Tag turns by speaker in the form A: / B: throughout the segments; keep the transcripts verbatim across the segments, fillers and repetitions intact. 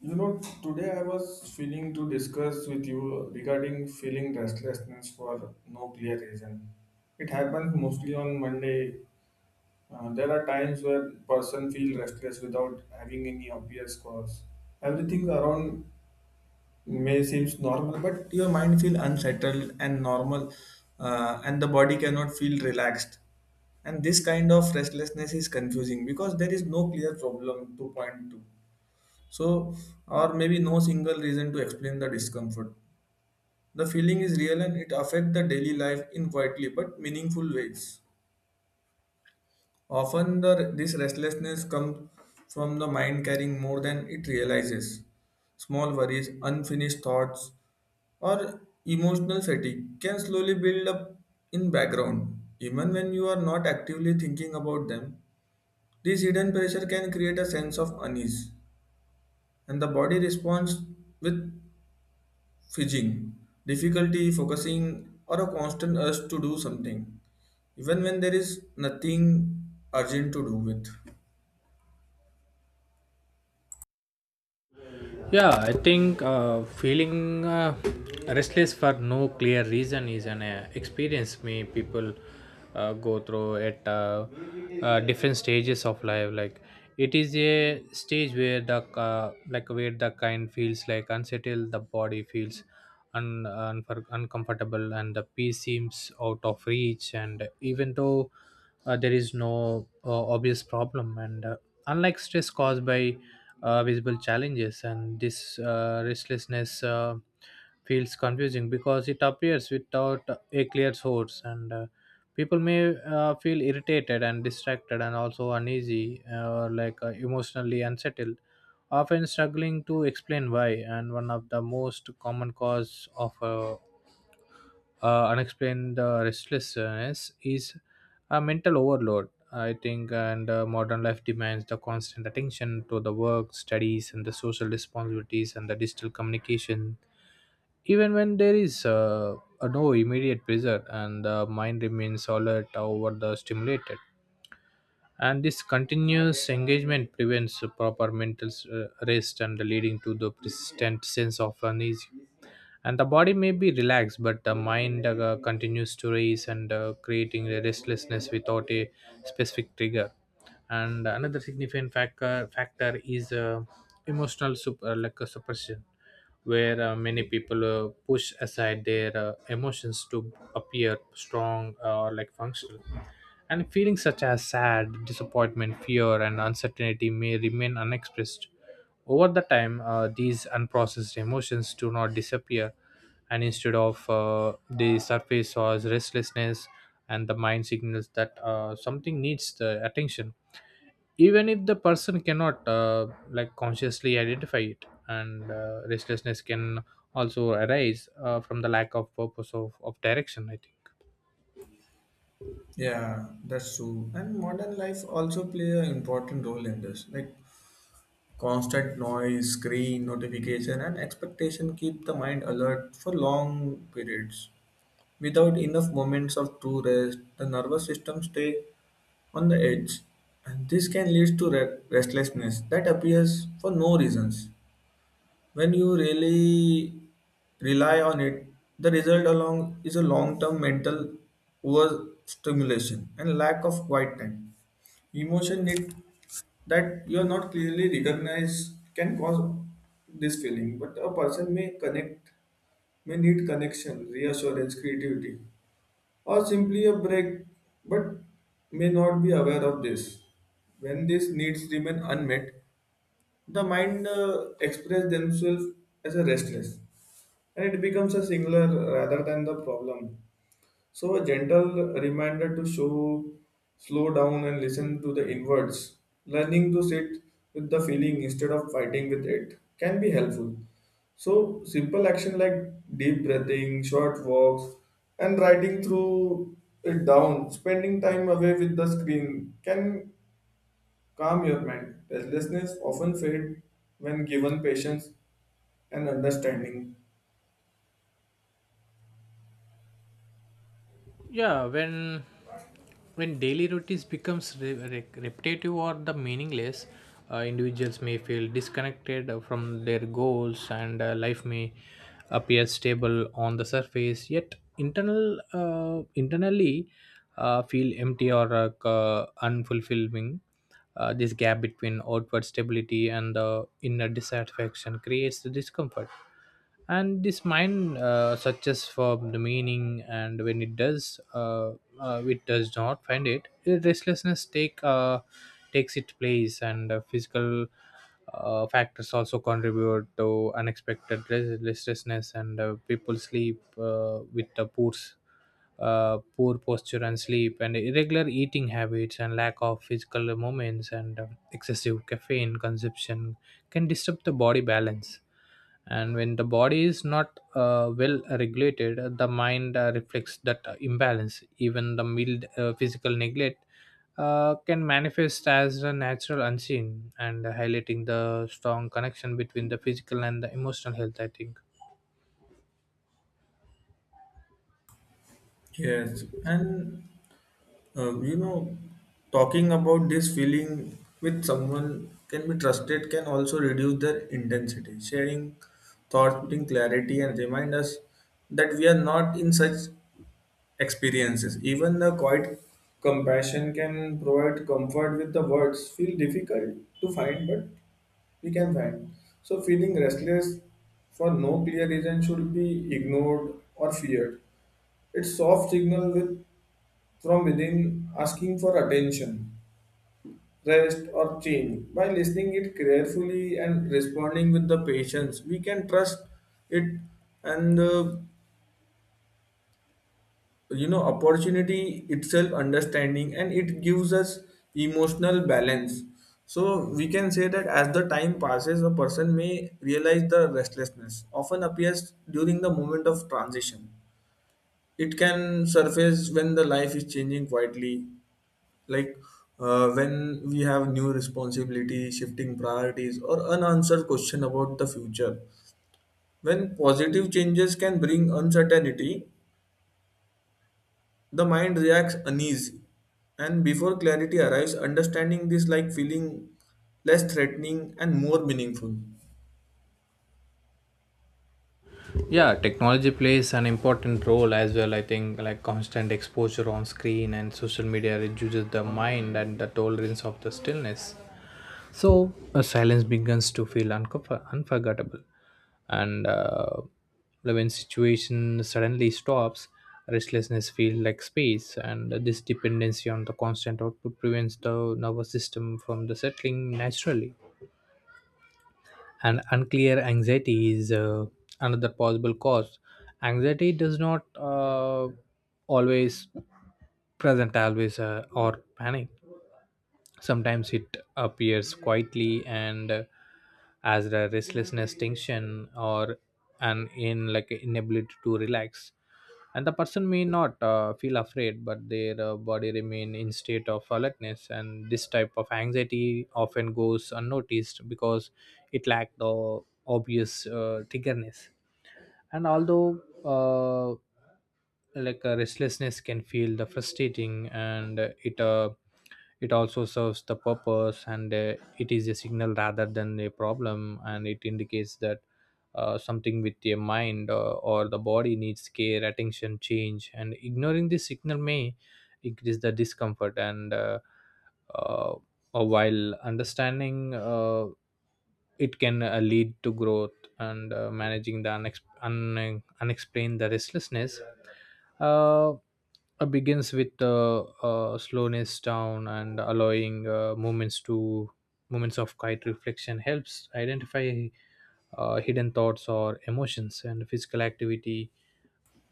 A: You know, today I was feeling to discuss with you regarding feeling restlessness for no clear reason. It happens mostly on Monday. Uh, there are times where person feel restless without having any obvious cause. Everything around may seems normal, but your mind feel unsettled and normal, uh, and the body cannot feel relaxed. And this kind of restlessness is confusing because there is no clear problem to point to so, or maybe no single reason to explain the discomfort. The feeling is real and it affects the daily life in quietly but meaningful ways. Often, the, this restlessness comes from the mind carrying more than it realizes. Small worries, unfinished thoughts, or emotional fatigue can slowly build up in background. Even when you are not actively thinking about them, this hidden pressure can create a sense of unease, and the body responds with fidgeting, difficulty focusing, or a constant urge to do something, even when there is nothing urgent to do with.
B: Yeah, I think uh, feeling uh, restless for no clear reason is an uh, experience me people uh, go through at uh, uh, different stages of life. Like it is a stage where the uh, like where the kind feels like unsettled, the body feels un- unfor uncomfortable, and the peace seems out of reach. And even though uh, there is no uh, obvious problem and uh, unlike stress caused by uh, visible challenges and this uh, restlessness uh, feels confusing because it appears without a clear source, and uh, people may uh, feel irritated and distracted and also uneasy or like uh, emotionally unsettled, often struggling to explain why. And one of the most common cause of uh, uh, unexplained uh, restlessness is a mental overload, I think. And uh, modern life demands the constant attention to the work, studies, and the social responsibilities and the digital communication. Even when there is uh, uh, no immediate pressure, and the mind remains alert, over the stimulated, and this continuous engagement prevents proper mental uh, rest and leading to the persistent sense of unease. And the body may be relaxed, but the mind uh, continues to race and uh, creating a restlessness without a specific trigger. And another significant factor factor is uh, emotional sup- uh, like a suppression where uh, many people uh, push aside their uh, emotions to appear strong or like functional. And feelings such as sad, disappointment, fear, and uncertainty may remain unexpressed over the time. Uh, these unprocessed emotions do not disappear, and instead of uh, they surface as restlessness, and the mind signals that uh, something needs the attention, even if the person cannot uh, like consciously identify it. And uh, restlessness can also arise uh, from the lack of purpose of, of direction, I think.
A: Yeah, that's true. And modern life also play an important role in this. Like constant noise, screen, notification, and expectation keep the mind alert for long periods. Without enough moments of true rest, the nervous system stay on the edge, and this can lead to re- restlessness that appears for no reasons. When you really rely on it, the result along is a long-term mental overstimulation and lack of quiet time. Emotion need that you are not clearly recognized can cause this feeling, but a person may connect, may need connection, reassurance, creativity, or simply a break, but may not be aware of this. When these needs remain unmet, the mind uh, express themselves as a restless, and it becomes a singular rather than the problem. So a gentle reminder to show, slow down and listen to the inwards. Learning to sit with the feeling instead of fighting with it can be helpful. So simple action like deep breathing, short walks, and writing through it down, spending time away with the screen can calm your mind. Restlessness often fades when given patience and understanding.
B: Yeah, when when daily routines becomes re- re- repetitive or the meaningless, uh, individuals may feel disconnected uh, from their goals. And uh, life may appear stable on the surface, yet internal uh, internally uh, feel empty or uh, c- unfulfilling. Uh, this gap between outward stability and the inner dissatisfaction creates the discomfort, and this mind uh, searches for the meaning, and when it does uh, uh, it does not find it. Uh, restlessness take uh, takes its place. And uh, physical uh, factors also contribute to unexpected res- restlessness. And uh, people sleep uh, with the poor s- uh, poor posture and sleep, and irregular eating habits, and lack of physical movements, and uh, excessive caffeine consumption can disturb the body balance. And when the body is not uh, well regulated, the mind uh, reflects that uh, imbalance. Even the mild uh, physical neglect uh, can manifest as a natural unseen and highlighting the strong connection between the physical and the emotional health, I think.
A: Yes, and uh, you know, talking about this feeling with someone can be trusted can also reduce their intensity. Sharing thoughts, putting clarity, and remind us that we are not in such experiences. Even the quiet compassion can provide comfort with the words feel difficult to find, but we can find. So, feeling restless for no clear reason should be ignored or feared. It's soft signal with from within asking for attention, rest, or change. By listening it carefully and responding with the patience, we can trust it, and uh, you know opportunity itself understanding, and it gives us emotional balance. So we can say that as the time passes, a person may realize the restlessness often appears during the moment of transition. It can surface when the life is changing quietly, like uh, when we have new responsibility, shifting priorities, or unanswered question about the future, when positive changes can bring uncertainty. The mind reacts uneasy, and before clarity arrives, understanding this like feeling less threatening and more meaningful.
B: Yeah, technology plays an important role as well, I think. Like constant exposure on screen and social media reduces the mind and the tolerance of the stillness. So a silence begins to feel unco- unforgettable, and uh, when situation suddenly stops, restlessness feels like space, and this dependency on the constant output prevents the nervous system from the settling naturally. And unclear anxiety is uh, another possible cause. Anxiety does not uh, always present always uh, or panic. Sometimes it appears quietly and uh, as a restlessness, tension, or an in like inability to relax. And the person may not uh, feel afraid, but their uh, body remain in state of alertness. And this type of anxiety often goes unnoticed because it lack the obvious uh, triggerness. And although uh, like uh, restlessness can feel the frustrating, and uh, it uh, it also serves the purpose. And uh, it is a signal rather than a problem, and it indicates that uh, something with your mind uh, or the body needs care, attention, change. And ignoring this signal may increase the discomfort. And uh, uh, uh, while understanding uh, it can uh, lead to growth. And uh, managing the unex- un- unexplained the restlessness uh, uh, begins with uh, uh, slowness down and allowing uh, moments to moments of quiet reflection helps identify uh, hidden thoughts or emotions and physical activity,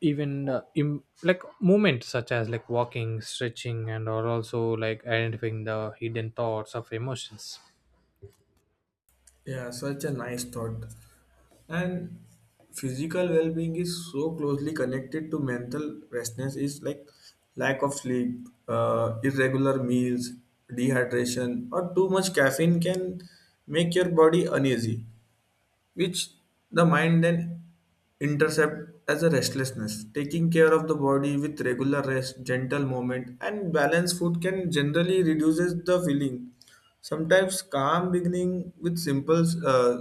B: even uh, im- like movement such as like walking, stretching, and or also like identifying the hidden thoughts of emotions.
A: Yeah, such a nice thought. And physical well-being is so closely connected to mental restlessness. Is like lack of sleep, uh, irregular meals, dehydration, or too much caffeine can make your body uneasy, which the mind then intercept as a restlessness. Taking care of the body with regular rest, gentle movement, and balanced food can generally reduces the feeling. Sometimes calm beginning with simple uh,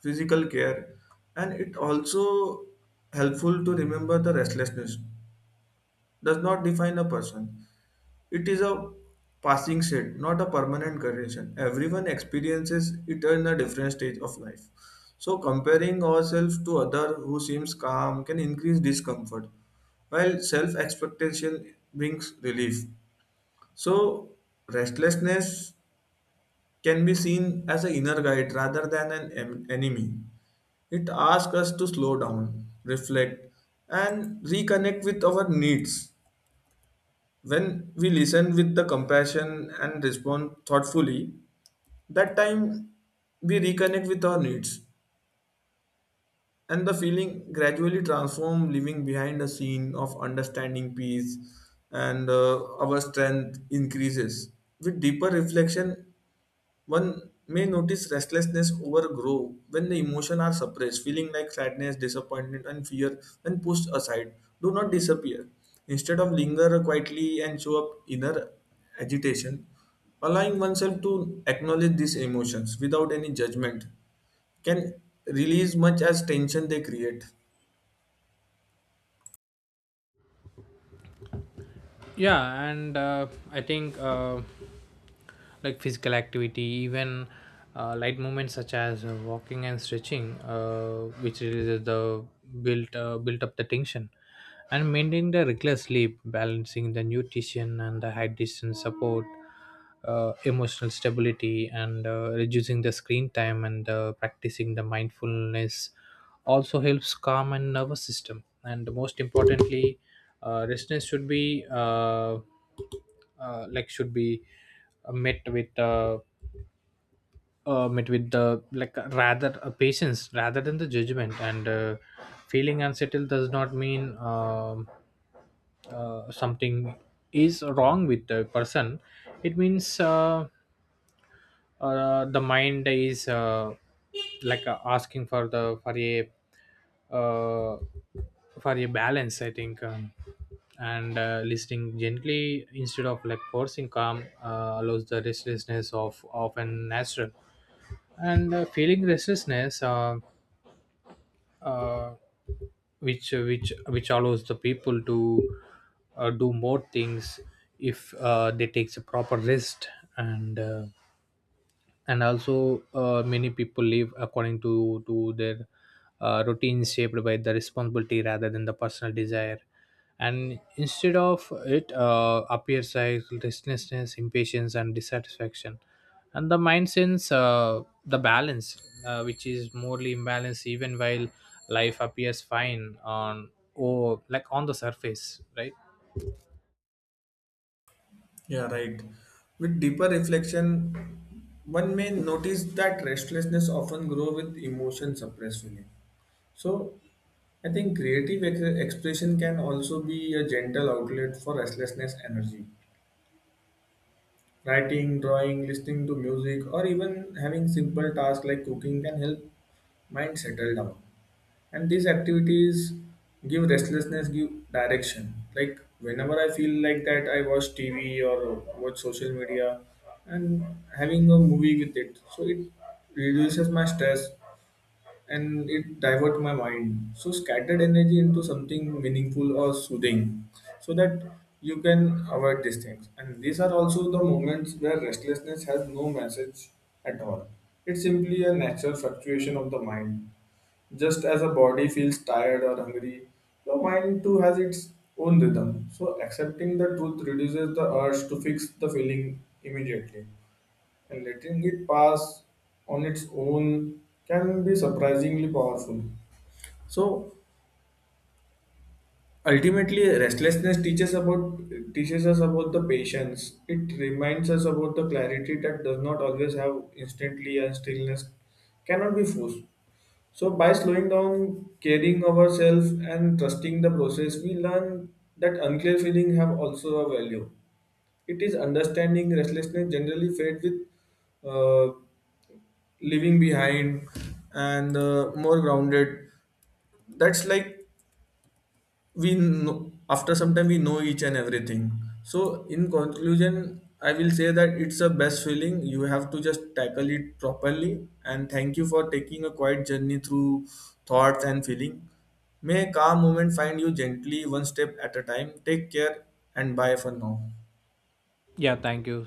A: physical care, and it also helpful to remember the restlessness does not define a person. It is a passing state, not a permanent condition. Everyone experiences it in a different stage of life. So comparing ourselves to other who seems calm can increase discomfort, while self-expectation brings relief. So restlessness can be seen as an inner guide rather than an em- enemy. It asks us to slow down, reflect, and reconnect with our needs. When we listen with the compassion and respond thoughtfully, that time we reconnect with our needs, and the feeling gradually transform living behind a scene of understanding peace. And uh, our strength increases with deeper reflection. One may notice restlessness overgrow when the emotions are suppressed, feeling like sadness, disappointment, and fear when pushed aside do not disappear. Instead of linger quietly and show up inner agitation, allowing oneself to acknowledge these emotions without any judgment can release much as tension they create.
B: Yeah, and uh, I think uh, like physical activity, even uh, light movements such as uh, walking and stretching, uh, which releases the built uh, built up the tension. And maintaining the regular sleep, balancing the nutrition and the hydration support uh, emotional stability, and uh, reducing the screen time, and uh, practicing the mindfulness also helps calm and nervous system. And most importantly, uh, resistance should be uh, uh, like should be uh, met with uh, uh, met with the like uh, rather uh, patience rather than the judgment. And uh, feeling unsettled does not mean um uh, something is wrong with the person. It means uh, uh, the mind is uh, like uh, asking for the for a uh, for a balance, I think. Um, and uh, listening gently instead of like forcing calm uh, allows the restlessness of often natural. And uh, feeling restlessness uh, uh, which which which allows the people to uh, do more things if uh, they take a proper rest. And uh, and also uh, many people live according to to their uh, routines shaped by the responsibility rather than the personal desire. And instead of it uh, appears like restlessness, impatience, and dissatisfaction. And the mind sense uh, the balance, uh, which is morely imbalanced, even while life appears fine on or like on the surface, right?
A: Yeah, right. With deeper reflection, one may notice that restlessness often grow with emotion suppressed feeling. So, I think creative ex- expression can also be a gentle outlet for restlessness energy. Writing, drawing, listening to music, or even having simple tasks like cooking can help mind settle down. And these activities give restlessness, give direction. Like whenever I feel like that, I watch T V or watch social media and having a movie with it. So it reduces my stress, and it divert my mind so scattered energy into something meaningful or soothing, so that you can avoid these things. And these are also the moments where restlessness has no message at all. It's simply a natural fluctuation of the mind. Just as a body feels tired or hungry, the mind too has its own rhythm. So accepting the truth reduces the urge to fix the feeling immediately, and letting it pass on its own can be surprisingly powerful. So ultimately, restlessness teaches about teaches us about the patience. It reminds us about the clarity that does not always have instantly, and stillness cannot be forced. So by slowing down, caring ourselves, and trusting the process, we learn that unclear feelings have also a value. It is understanding restlessness generally fades with, uh, leaving behind, and uh, more grounded. That's like we know, after some time we know each and everything. So in conclusion, I will say that it's a best feeling, you have to just tackle it properly. And thank you for taking a quiet journey through thoughts and feeling. May a calm moment find you gently, one step at a time. Take care, and bye for now.
B: Yeah, thank you.